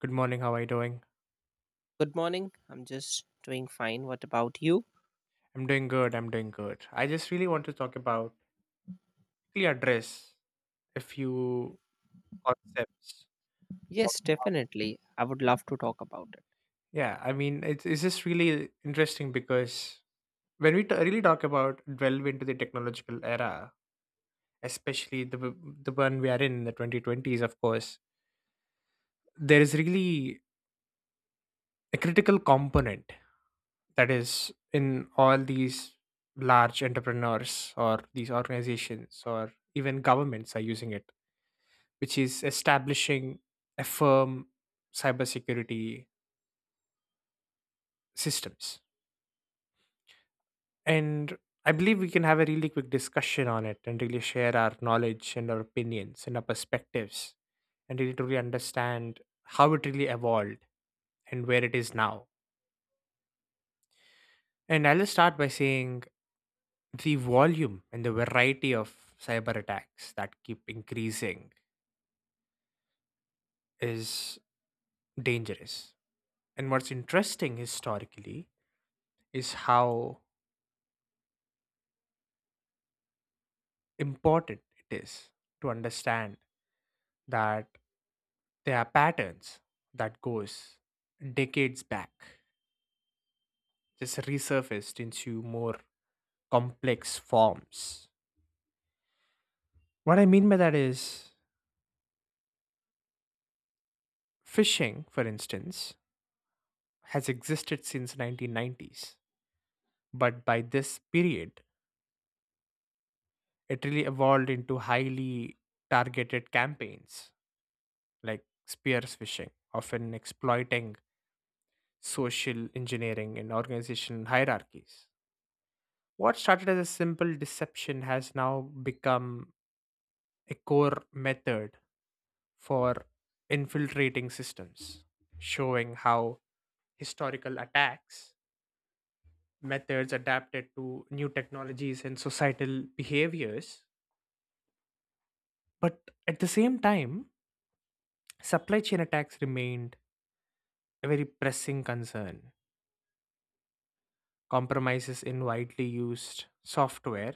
Good morning, how are you doing? Good morning. I'm just doing fine. What about you? I'm doing good, I'm doing good. I just really want to talk about quickly address a few concepts of Yes, how- definitely. I would love to talk about it. yeah, I mean it's just really interesting because when we t- really talk about delve into the technological era, especially the one we are in the 2020s, of course, there is really a critical component that is in all these large entrepreneurs or these organizations or even governments are using it, which is establishing a firm cybersecurity systems. And I believe we can have a really quick discussion on it and really share our knowledge and our opinions and our perspectives and really truly understand how it really evolved and where it is now. And I'll just start by saying the volume and the variety of cyber attacks that keep increasing is dangerous. And what's interesting historically is how important it is to understand that there are patterns that goes decades back just resurfaced into more complex forms. What I mean by that is fishing, for instance, has existed since 1990s, but by this period it really evolved into highly targeted campaigns like spears fishing, often exploiting social engineering and organizational hierarchies. What started as a simple deception has now become a core method for infiltrating systems, showing how historical attacks, methods adapted to new technologies and societal behaviors. But at the same time, supply chain attacks remained a very pressing concern. Compromises in widely used software,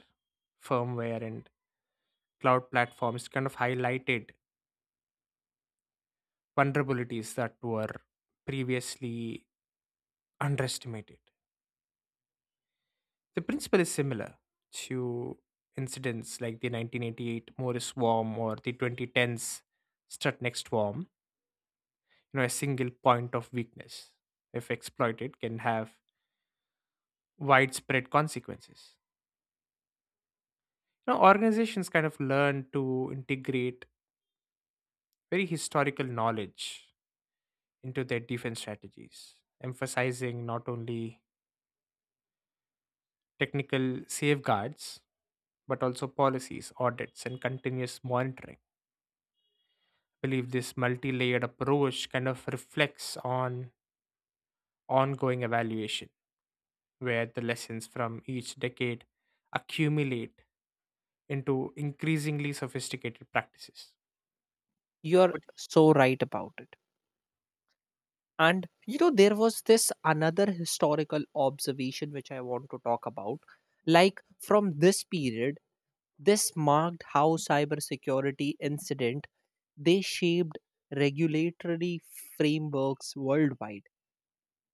firmware, and cloud platforms kind of highlighted vulnerabilities that were previously underestimated. The principle is similar to incidents like the 1988 Morris worm or the 2010s Strutnext worm. You know, a single point of weakness, if exploited, can have widespread consequences. You know, organizations kind of learn to integrate very historical knowledge into their defense strategies, emphasizing not only technical safeguards but also policies, audits, and continuous monitoring. I believe this multi layered approach kind of reflects on ongoing evaluation, where the lessons from each decade accumulate into increasingly sophisticated practices. You're What- so right about it. And you know, there was this another historical observation which I want to talk about. Like from this period, this marked how cybersecurity incident they shaped regulatory frameworks worldwide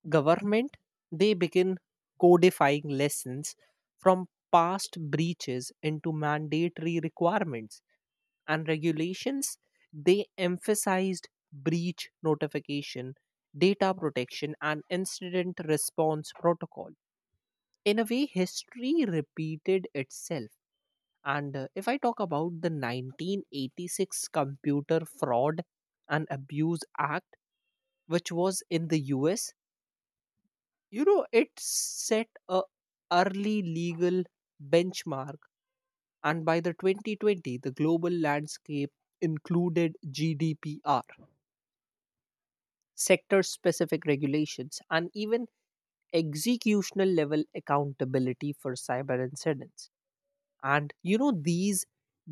government they begin codifying lessons from past breaches into mandatory requirements and regulations they emphasized breach notification, data protection, and incident response protocol. In a way, history repeated itself. And if I talk about the 1986 computer fraud and abuse act, which was in the us. You know, it set a early legal benchmark, and by the 2020, the global landscape included GDPR, sector-specific regulations, and even executional-level accountability for cyber incidents. And you know, these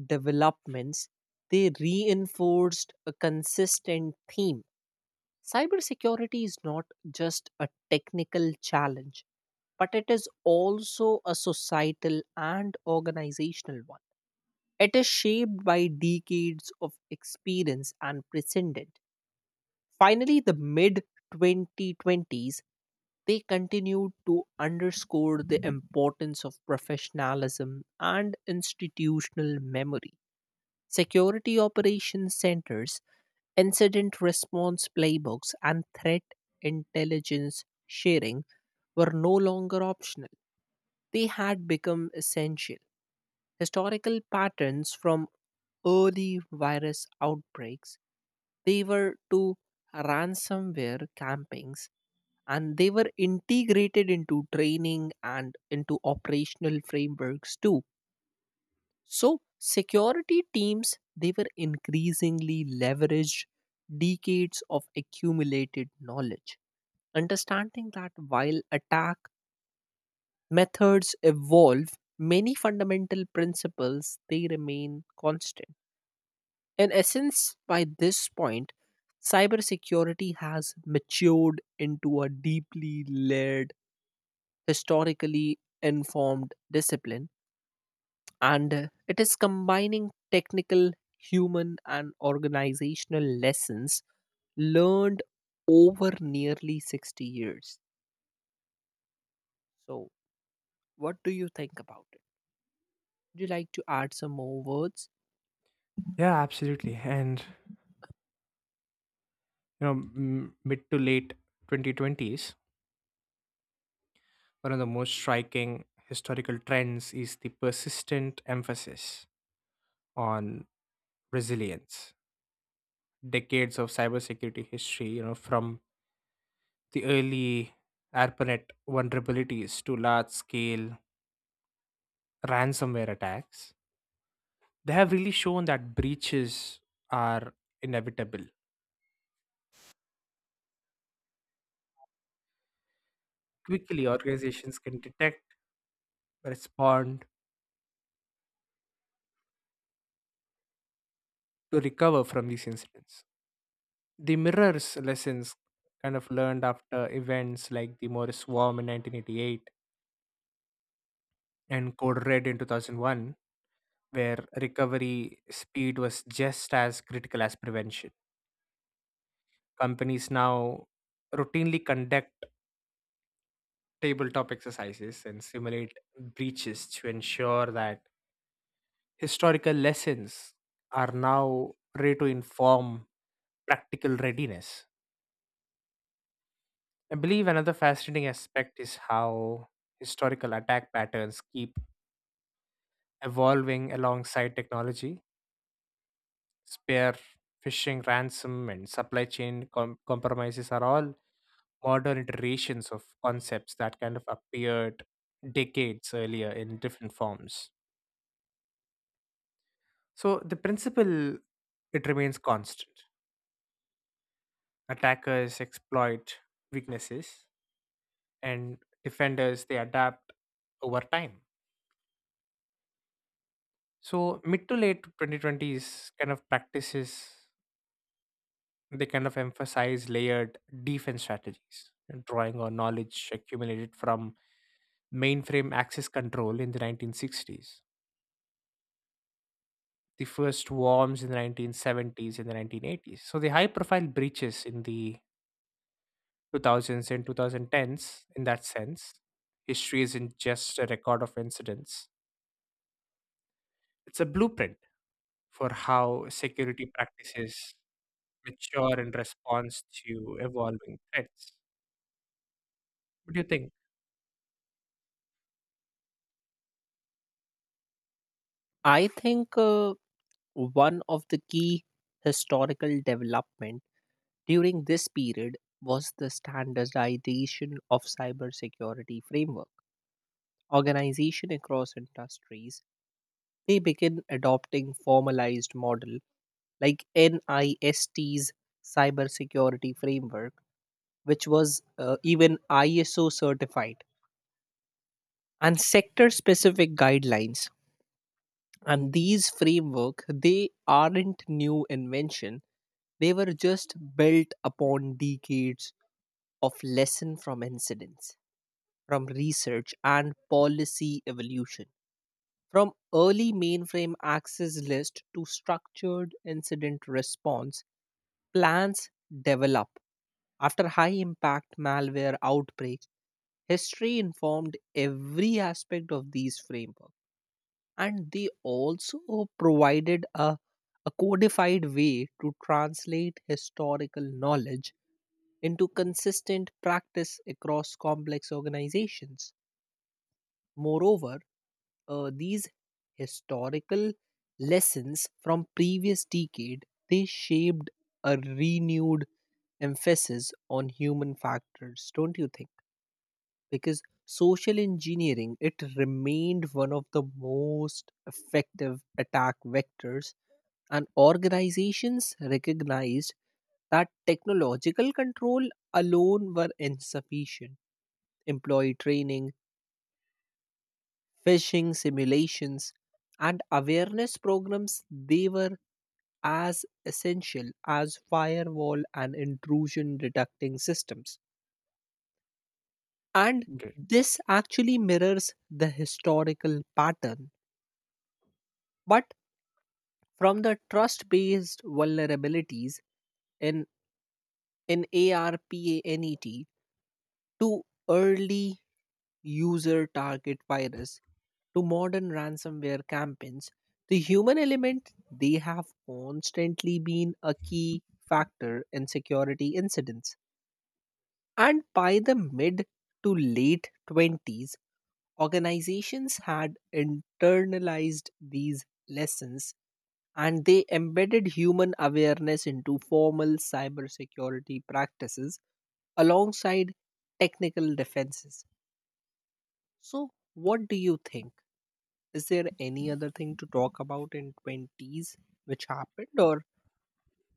developments they reinforced a consistent theme. Cybersecurity is not just a technical challenge, but it is also a societal and organizational one. It is shaped by decades of experience and precedent. Finally, the mid 2020s, they continued to underscore the importance of professionalism and institutional memory. Security operations centers, incident response playbooks, and threat intelligence sharing were no longer optional. They had become essential. Historical patterns from early virus outbreaks, they were to ransomware campings, and they were integrated into training and into operational frameworks too. So security teams they were increasingly leveraged decades of accumulated knowledge, understanding that while attack methods evolve, many fundamental principles they remain constant. In essence, by this point cybersecurity has matured into a deeply layered, historically informed discipline, and it is combining technical, human, and organizational lessons learned over nearly 60 years. So what do you think about it? Would you like to add some more words? Yeah, absolutely. And, mid to late 2020s, one of the most striking historical trends is the persistent emphasis on resilience. Decades of cybersecurity history, you know, from the early ARPANET vulnerabilities to large scale ransomware attacks, they have really shown that breaches are inevitable. Quickly, organizations can detect, respond, to recover from these incidents. The mirrors lessons kind of learned after events like the Morris Worm in 1988 and Code Red in 2001, where recovery speed was just as critical as prevention. Companies now routinely conduct tabletop exercises and simulate breaches to ensure that historical lessons are now ready to inform practical readiness. I believe another fascinating aspect is how historical attack patterns keep evolving alongside technology. Spare phishing, ransom, and supply chain compromises are all modern iterations of concepts that kind of appeared decades earlier in different forms. So the principle, it remains constant. Attackers exploit weaknesses, and defenders they adapt over time. So mid to late 2020s kind of practices, they kind of emphasize layered defense strategies, and drawing on knowledge accumulated from mainframe access control in the 1960s, the first worms in the 1970s and the 1980s. So the high profile breaches in the 2000s and 2010s in that sense. History isn't just a record of incidents, it's a blueprint for how security practices mature in response to evolving threats. What do you think? I think one of the key historical development during this period was the standardization of cybersecurity framework. Organization across industries they begin adopting formalized model like NIST's cybersecurity framework, which was even ISO certified, and sector specific guidelines. And these framework, they aren't new invention. They were just built upon decades of lesson from incidents, from research and policy evolution. From early mainframe access list to structured incident response, plans develop after high impact malware outbreaks, history informed every aspect of these frameworks, and they also provided a codified way to translate historical knowledge into consistent practice across complex organizations. Moreover, these historical lessons from previous decade they shaped a renewed emphasis on human factors, don't you think? Because social engineering it remained one of the most effective attack vectors, and organizations recognized that technological control alone were insufficient. Employee training, phishing simulations, and awareness programs they were as essential as firewall and intrusion detecting systems. And Gil? this actually mirrors the historical pattern. But from the trust based vulnerabilities in, in ARPANET to early user target virus to modern ransomware campaigns, the human element they have constantly been a key factor in security incidents. And by the mid to late 20s, organizations had internalized these lessons and they embedded human awareness into formal cybersecurity practices alongside technical defenses. So, what do you think? Is there any other thing to talk about in 20s which happened, or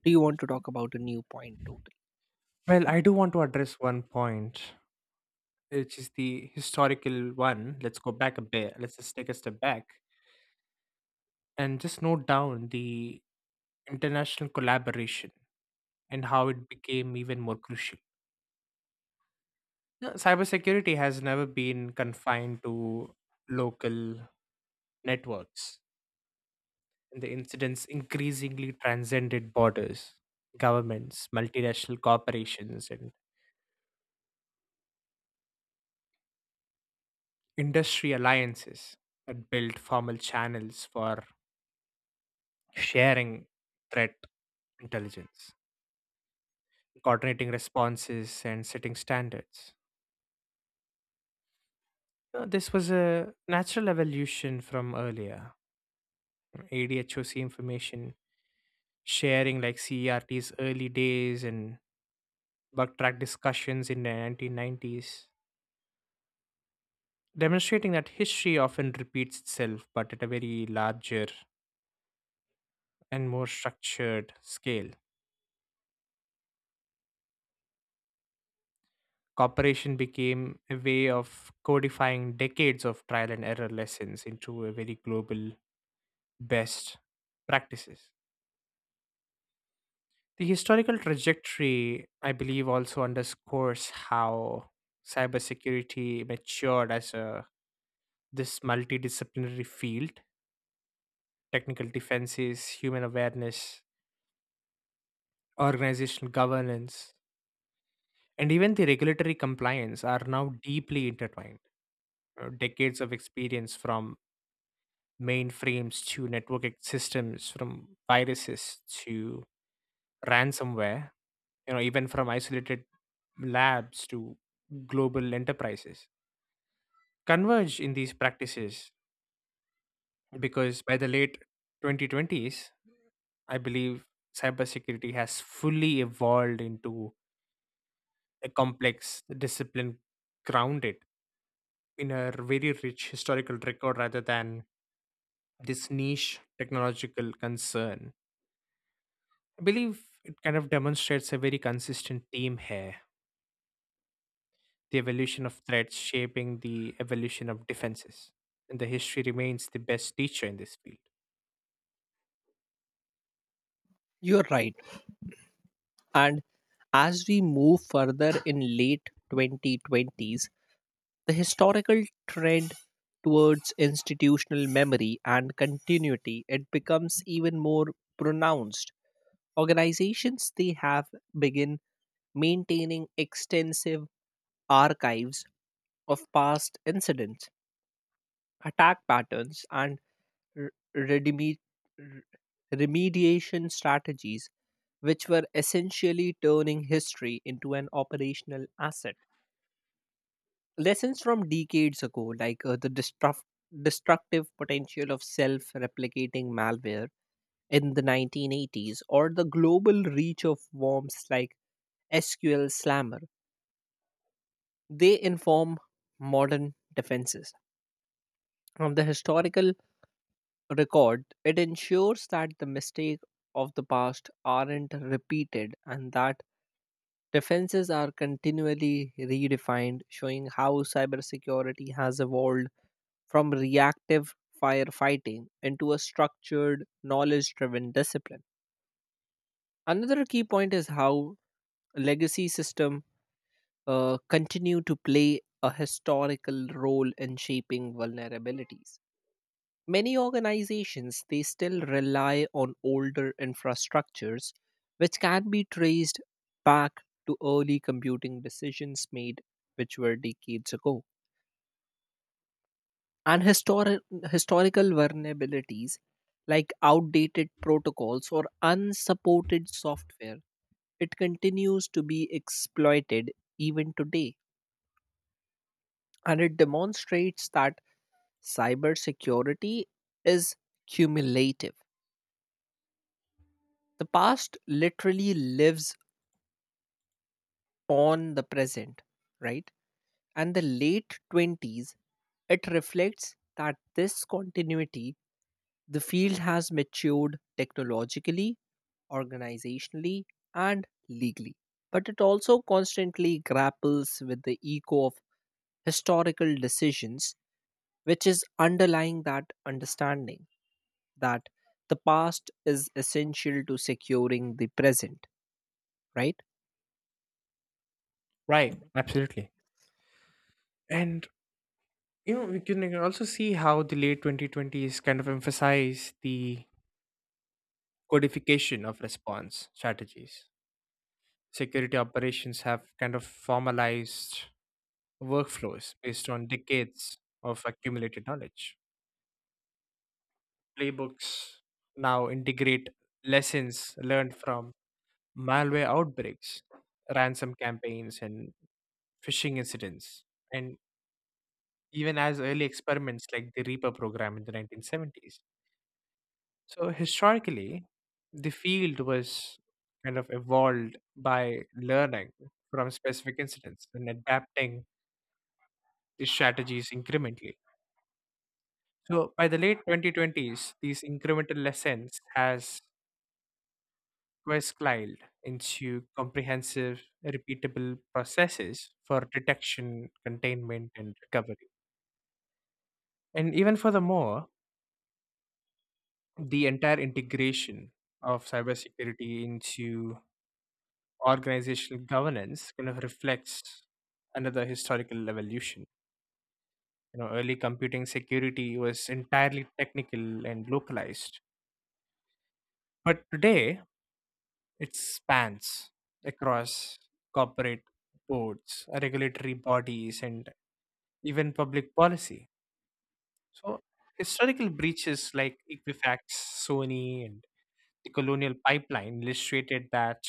do you want to talk about a new point totally? Well, I do want to address one point, which is the historical one. Let's go back a bit. Let's just take a step back and just note down the international collaboration and how it became even more crucial. No, cybersecurity has never been confined to local networks, and the incidents increasingly transcended borders. Governments, multinational corporations, and industry alliances that built formal channels for sharing threat intelligence, coordinating responses, and setting standards. This was a natural evolution from earlier ADHOC information sharing, like CERT's early days, and backtrack discussions in the 1990s, demonstrating that history often repeats itself but at a very larger and more structured scale. Cooperation became a way of codifying decades of trial and error lessons into a very global best practices. The historical trajectory, I believe, also underscores how cybersecurity matured as a this multidisciplinary field technical defenses, human awareness, organizational governance, and even the regulatory compliance are now deeply intertwined. Decades of experience from mainframes to network systems, from viruses to ransomware, you know, even from isolated labs to global enterprises, converge in these practices because by the late 2020s, I believe cybersecurity has fully evolved into a complex discipline grounded in a very rich historical record rather than this niche technological concern. I believe it kind of demonstrates a very consistent theme here, the evolution of threats shaping the evolution of defenses. And the history remains the best teacher in this field. You're right. And as we move further in late 2020s, the historical trend towards institutional memory and continuity it becomes even more pronounced. Organizations they have begin maintaining extensive archives of past incidents, attack patterns, and r- redimi- r- remediation strategies, which were essentially turning history into an operational asset. Lessons from decades ago, like destructive potential of self replicating malware in the 1980s, or the global reach of worms like SQL Slammer, they inform modern defenses. From the historical record, it ensures that the mistakes of the past aren't repeated and that defenses are continually redefined, showing how cybersecurity has evolved from reactive firefighting into a structured, knowledge driven discipline. Another key point is how legacy system continue to play a historical role in shaping vulnerabilities. Many organizations they still rely on older infrastructures, which can be traced back to early computing decisions made which were decades ago. And historical vulnerabilities like outdated protocols or unsupported software it continues to be exploited even today, and it demonstrates that cybersecurity is cumulative. The past literally lives on the present, right? And the late 20s it reflects that this continuity, the field has matured technologically, organizationally, and legally. But it also constantly grapples with the echo of historical decisions, which is underlying that understanding that the past is essential to securing the present, right? Right, absolutely. And you know, we can like, also see how the late 2020s kind of emphasize the codification of response strategies. Security operations have kind of formalized workflows based on decades of accumulated knowledge. Playbooks now integrate lessons learned from malware outbreaks, ransom campaigns, and phishing incidents, and even as early experiments like the Reaper program in the 1970s. So, historically, the field was kind of evolved by learning from specific incidents and adapting strategies incrementally. So by the late 2020s, these incremental lessons has quest-climbed into comprehensive, repeatable processes for detection, containment, and recovery. And even furthermore, the entire integration of cybersecurity into organizational governance kind of reflects another historical evolution. You know, early computing security was entirely technical and localized. But today, it spans across corporate boards, regulatory bodies, and even public policy. So, historical breaches like Equifax, Sony, and the colonial pipeline illustrated that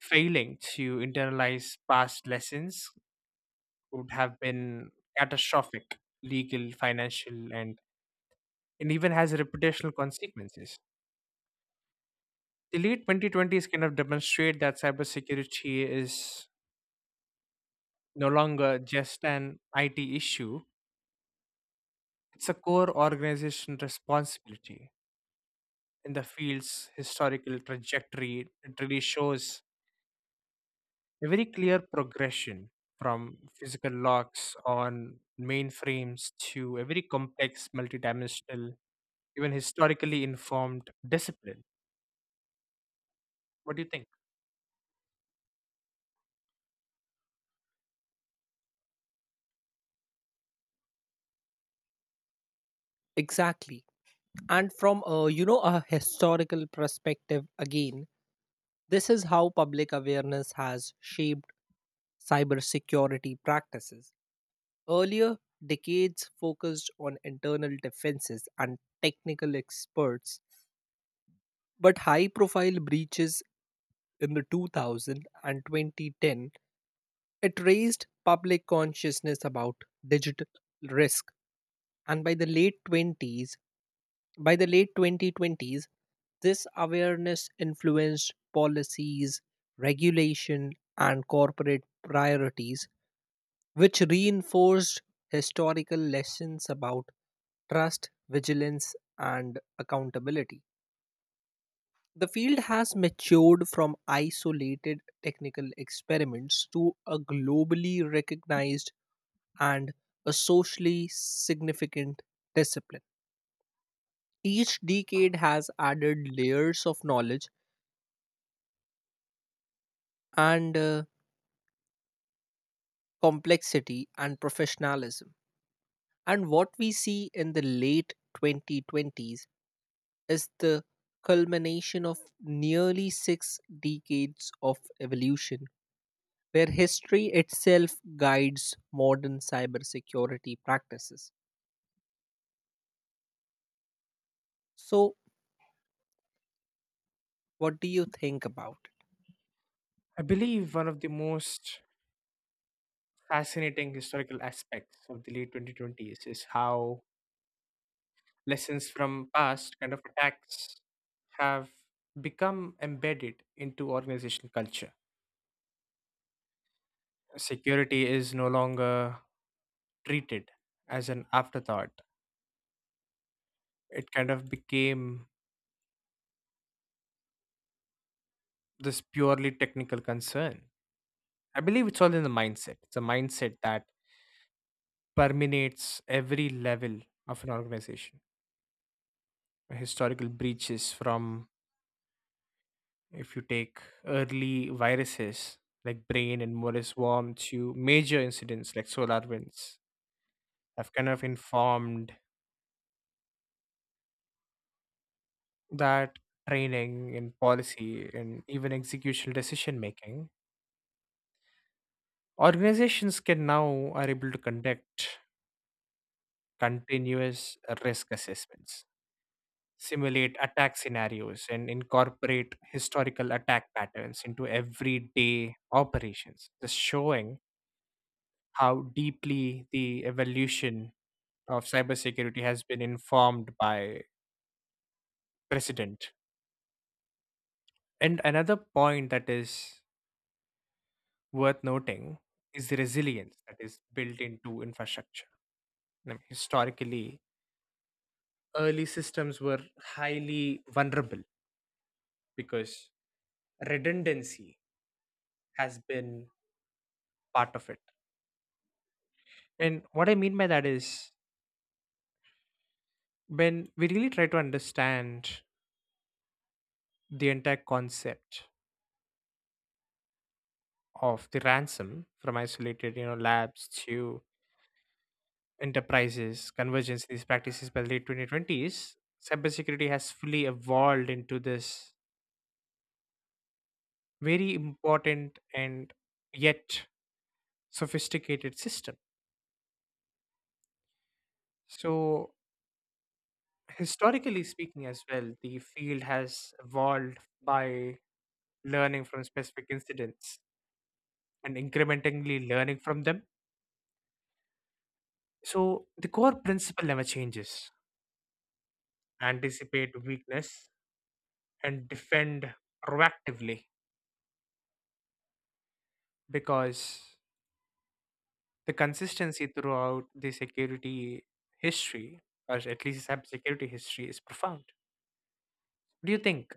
failing to internalize past lessons would have been catastrophic legal, financial, and even has reputational consequences. The late 2020s kind of demonstrate that cybersecurity is no longer just an IT issue, it's a core organization responsibility. In the field's historical trajectory, it really shows a very clear progression from physical locks on mainframes to a very complex, multidimensional, even historically informed discipline. What do you think? Exactly. And from a you know a historical perspective again, this is how public awareness has shaped cybersecurity practices. Earlier, decades focused on internal defenses and technical experts, but high profile breaches in the 2000 and 2010, it raised public consciousness about digital risk. And by the late 20s, by the late 2020s, this awareness influenced policies, regulation, and corporate priorities, which reinforced historical lessons about trust, vigilance, and accountability. The field has matured from isolated technical experiments to a globally recognized and a socially significant discipline. Each decade has added layers of knowledge and complexity and professionalism. And what we see in the late 2020s is the culmination of nearly six decades of evolution, where history itself guides modern cybersecurity practices. So, what do you think about it? I believe one of the most fascinating historical aspects of the late 2020s is how lessons from past kind of attacks have become embedded into organizational culture. Security is no longer treated as an afterthought. It kind of became this purely technical concern. I believe it's all in the mindset. It's a mindset that permeates every level of an organization. Historical breaches from if you take early viruses like brain and Morris worm to major incidents like solar winds I've kind of informed that training in policy and even executional decision making, organizations can now are able to conduct continuous risk assessments, simulate attack scenarios, and incorporate historical attack patterns into everyday operations, just showing how deeply the evolution of cybersecurity has been informed by precedent. And another point that is worth noting is the resilience that is built into infrastructure. I mean, historically, early systems were highly vulnerable because redundancy has been part of it. And what I mean by that is when we really try to understand the entire concept of the ransom from isolated, you know, labs to enterprises, convergence, these practices by the late 2020s, cybersecurity has fully evolved into this very important and yet sophisticated system. So, historically speaking, as well, the field has evolved by learning from specific incidents and incrementally learning from them. So, the core principle never changes, anticipate weakness and defend proactively, because the consistency throughout the security history, or at least cybersecurity history, is profound. What do you think?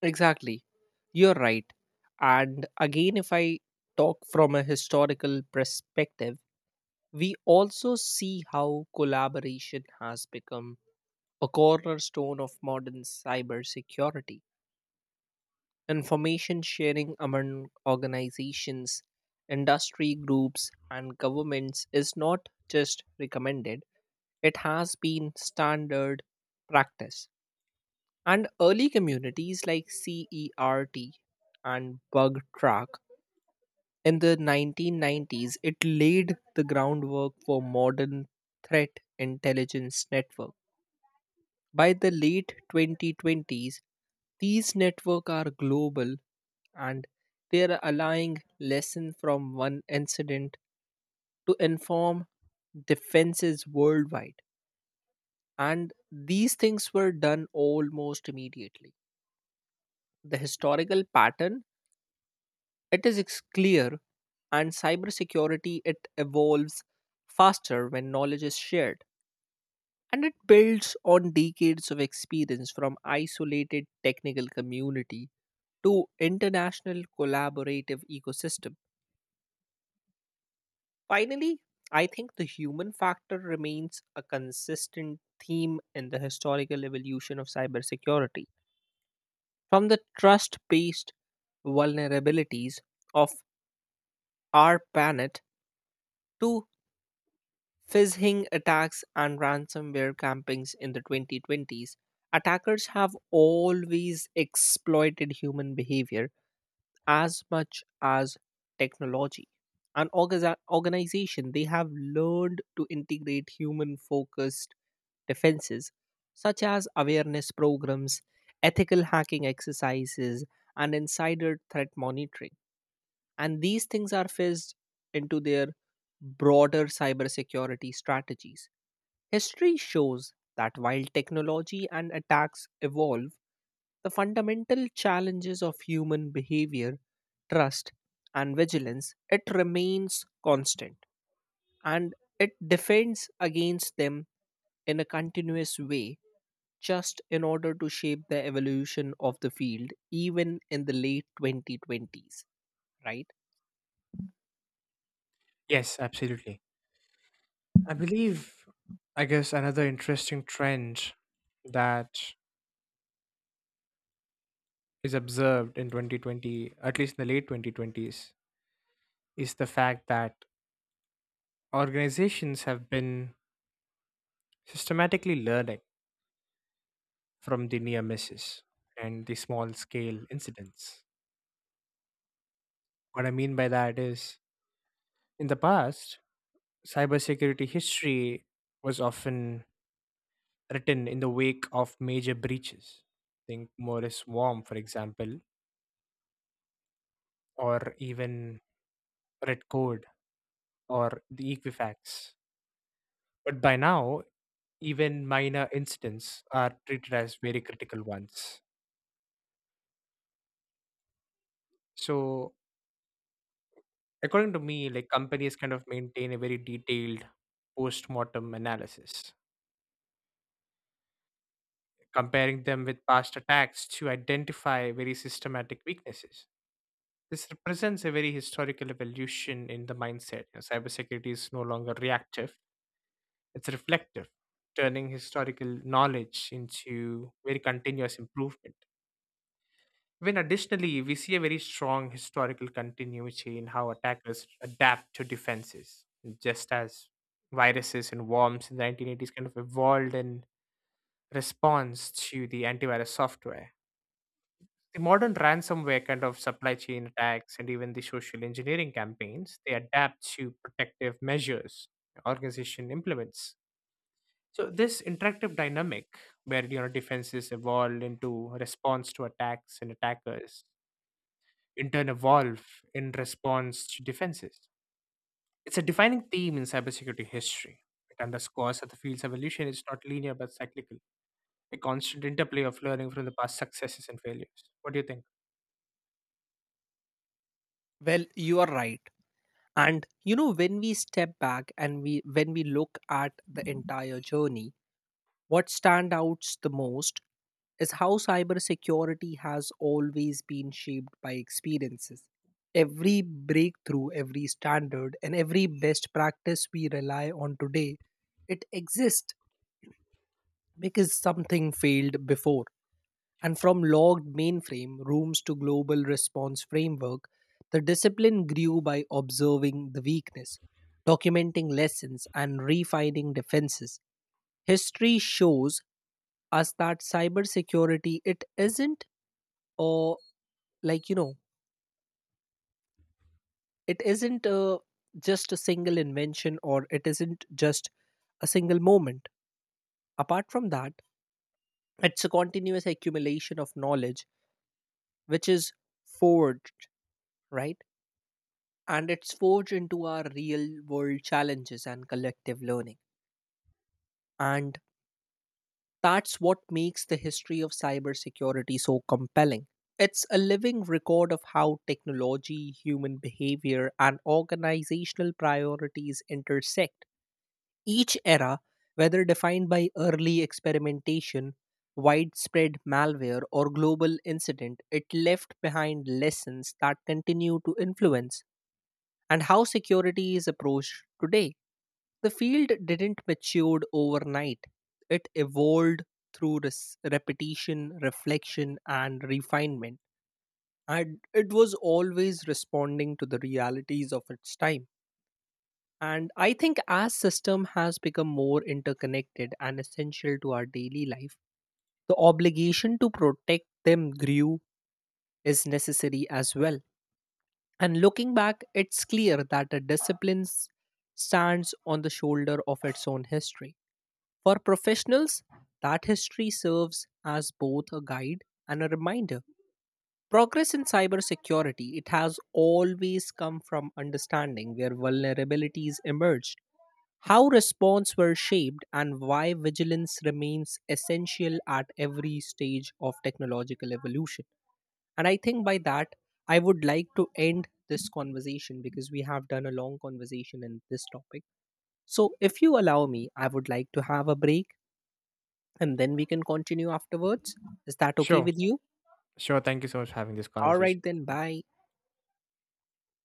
Exactly. You're right. And again, if I talk from a historical perspective, we also see how collaboration has become a cornerstone of modern cybersecurity. Information sharing among organizations, industry groups, and governments is not just recommended, it has been standard practice. And early communities like CERT and Bug Track in the 1990s, it laid the groundwork for modern threat intelligence network. By the late 2020s, these networks are global, and they are allowing lesson from one incident to inform defenses worldwide. And these things were done almost immediately. The historical pattern, clear, and cybersecurity it evolves faster when knowledge is shared, and it builds on decades of experience from isolated technical community to international collaborative ecosystem. Finally, I think the human factor remains a consistent theme in the historical evolution of cybersecurity. From the trust based vulnerabilities of our planet to phishing attacks and ransomware campaigns in the 2020s, attackers have always exploited human behavior as much as technology. Organization, they have learned to integrate human focused defenses such as awareness programs, ethical hacking exercises, and insider threat monitoring, and these things are fizzed into their broader cybersecurity strategies. History shows that while technology and attacks evolve, the fundamental challenges of human behavior, trust, and vigilance, it remains constant, and it defends against them in a continuous way just in order to shape the evolution of the field even in the late 2020s, right? Yes, absolutely. I believe, I guess, another interesting trend that is observed in 2020, at least in the late 2020s, is the fact that organizations have been systematically learning from the near misses and the small scale incidents. What I mean by that is, in the past, cybersecurity history was often written in the wake of major breaches. Think Morris Worm, for example, or even Red Code or the Equifax. But by now, even minor incidents are treated as very critical ones. So, according to me, like companies kind of maintain a very detailed post mortem analysis, comparing them with past attacks to identify very systematic weaknesses. This represents a very historical evolution in the mindset. You know, cybersecurity is no longer reactive, it's reflective, turning historical knowledge into very continuous improvement. When additionally, we see a very strong historical continuity in how attackers adapt to defenses, just as viruses and worms in the 1980s kind of evolved in response to the antivirus software. The modern ransomware kind of supply chain attacks and even the social engineering campaigns, they adapt to protective measures organization implements. So this interactive dynamic where you know defenses evolve into response to attacks and attackers intern evolve in response to defenses. It's a defining theme in cybersecurity history. It underscores that the field's evolution is not linear but cyclical, a constant interplay of learning from the past successes and failures. What do you think? Well, you are right. And you know, when we step back and we look at the entire journey, what stands out the most is how cybersecurity has always been shaped by experiences. Every breakthrough, every standard, and every best practice we rely on today, it exists because something failed before. And from logged mainframe rooms to global response framework, the discipline grew by observing the weakness, documenting lessons, and refining defenses. History shows us that cybersecurity it isn't or like you know it isn't just a single invention or it isn't just a single moment. Apart from that, it's a continuous accumulation of knowledge which is forged, right? And it's forged into our real world challenges and collective learning. And that's what makes the history of cybersecurity so compelling. It's a living record of how technology, human behavior, and organizational priorities intersect. Each era, whether defined by early experimentation, widespread malware, or global incident, it left behind lessons that continue to influence and how security is approached today. The field didn't mature overnight. It evolved through repetition, reflection, and refinement. And it was always responding to the realities of its time. And I think as system has become more interconnected and essential to our daily life, the obligation to protect them grew is necessary as well. And looking back, it's clear that a discipline stands on the shoulder of its own history. For professionals, that history serves as both a guide and a reminder. Progress in cybersecurity, it has always come from understanding where vulnerabilities emerged, how response were shaped, and why vigilance remains essential at every stage of technological evolution. And I think by that, I would like to end this conversation because we have done a long conversation in this topic. So, if you allow me, I would like to have a break and then we can continue afterwards. Is that okay Sure. with you? Sure. Thank you so much for having this All right, conversation then, with me. bye.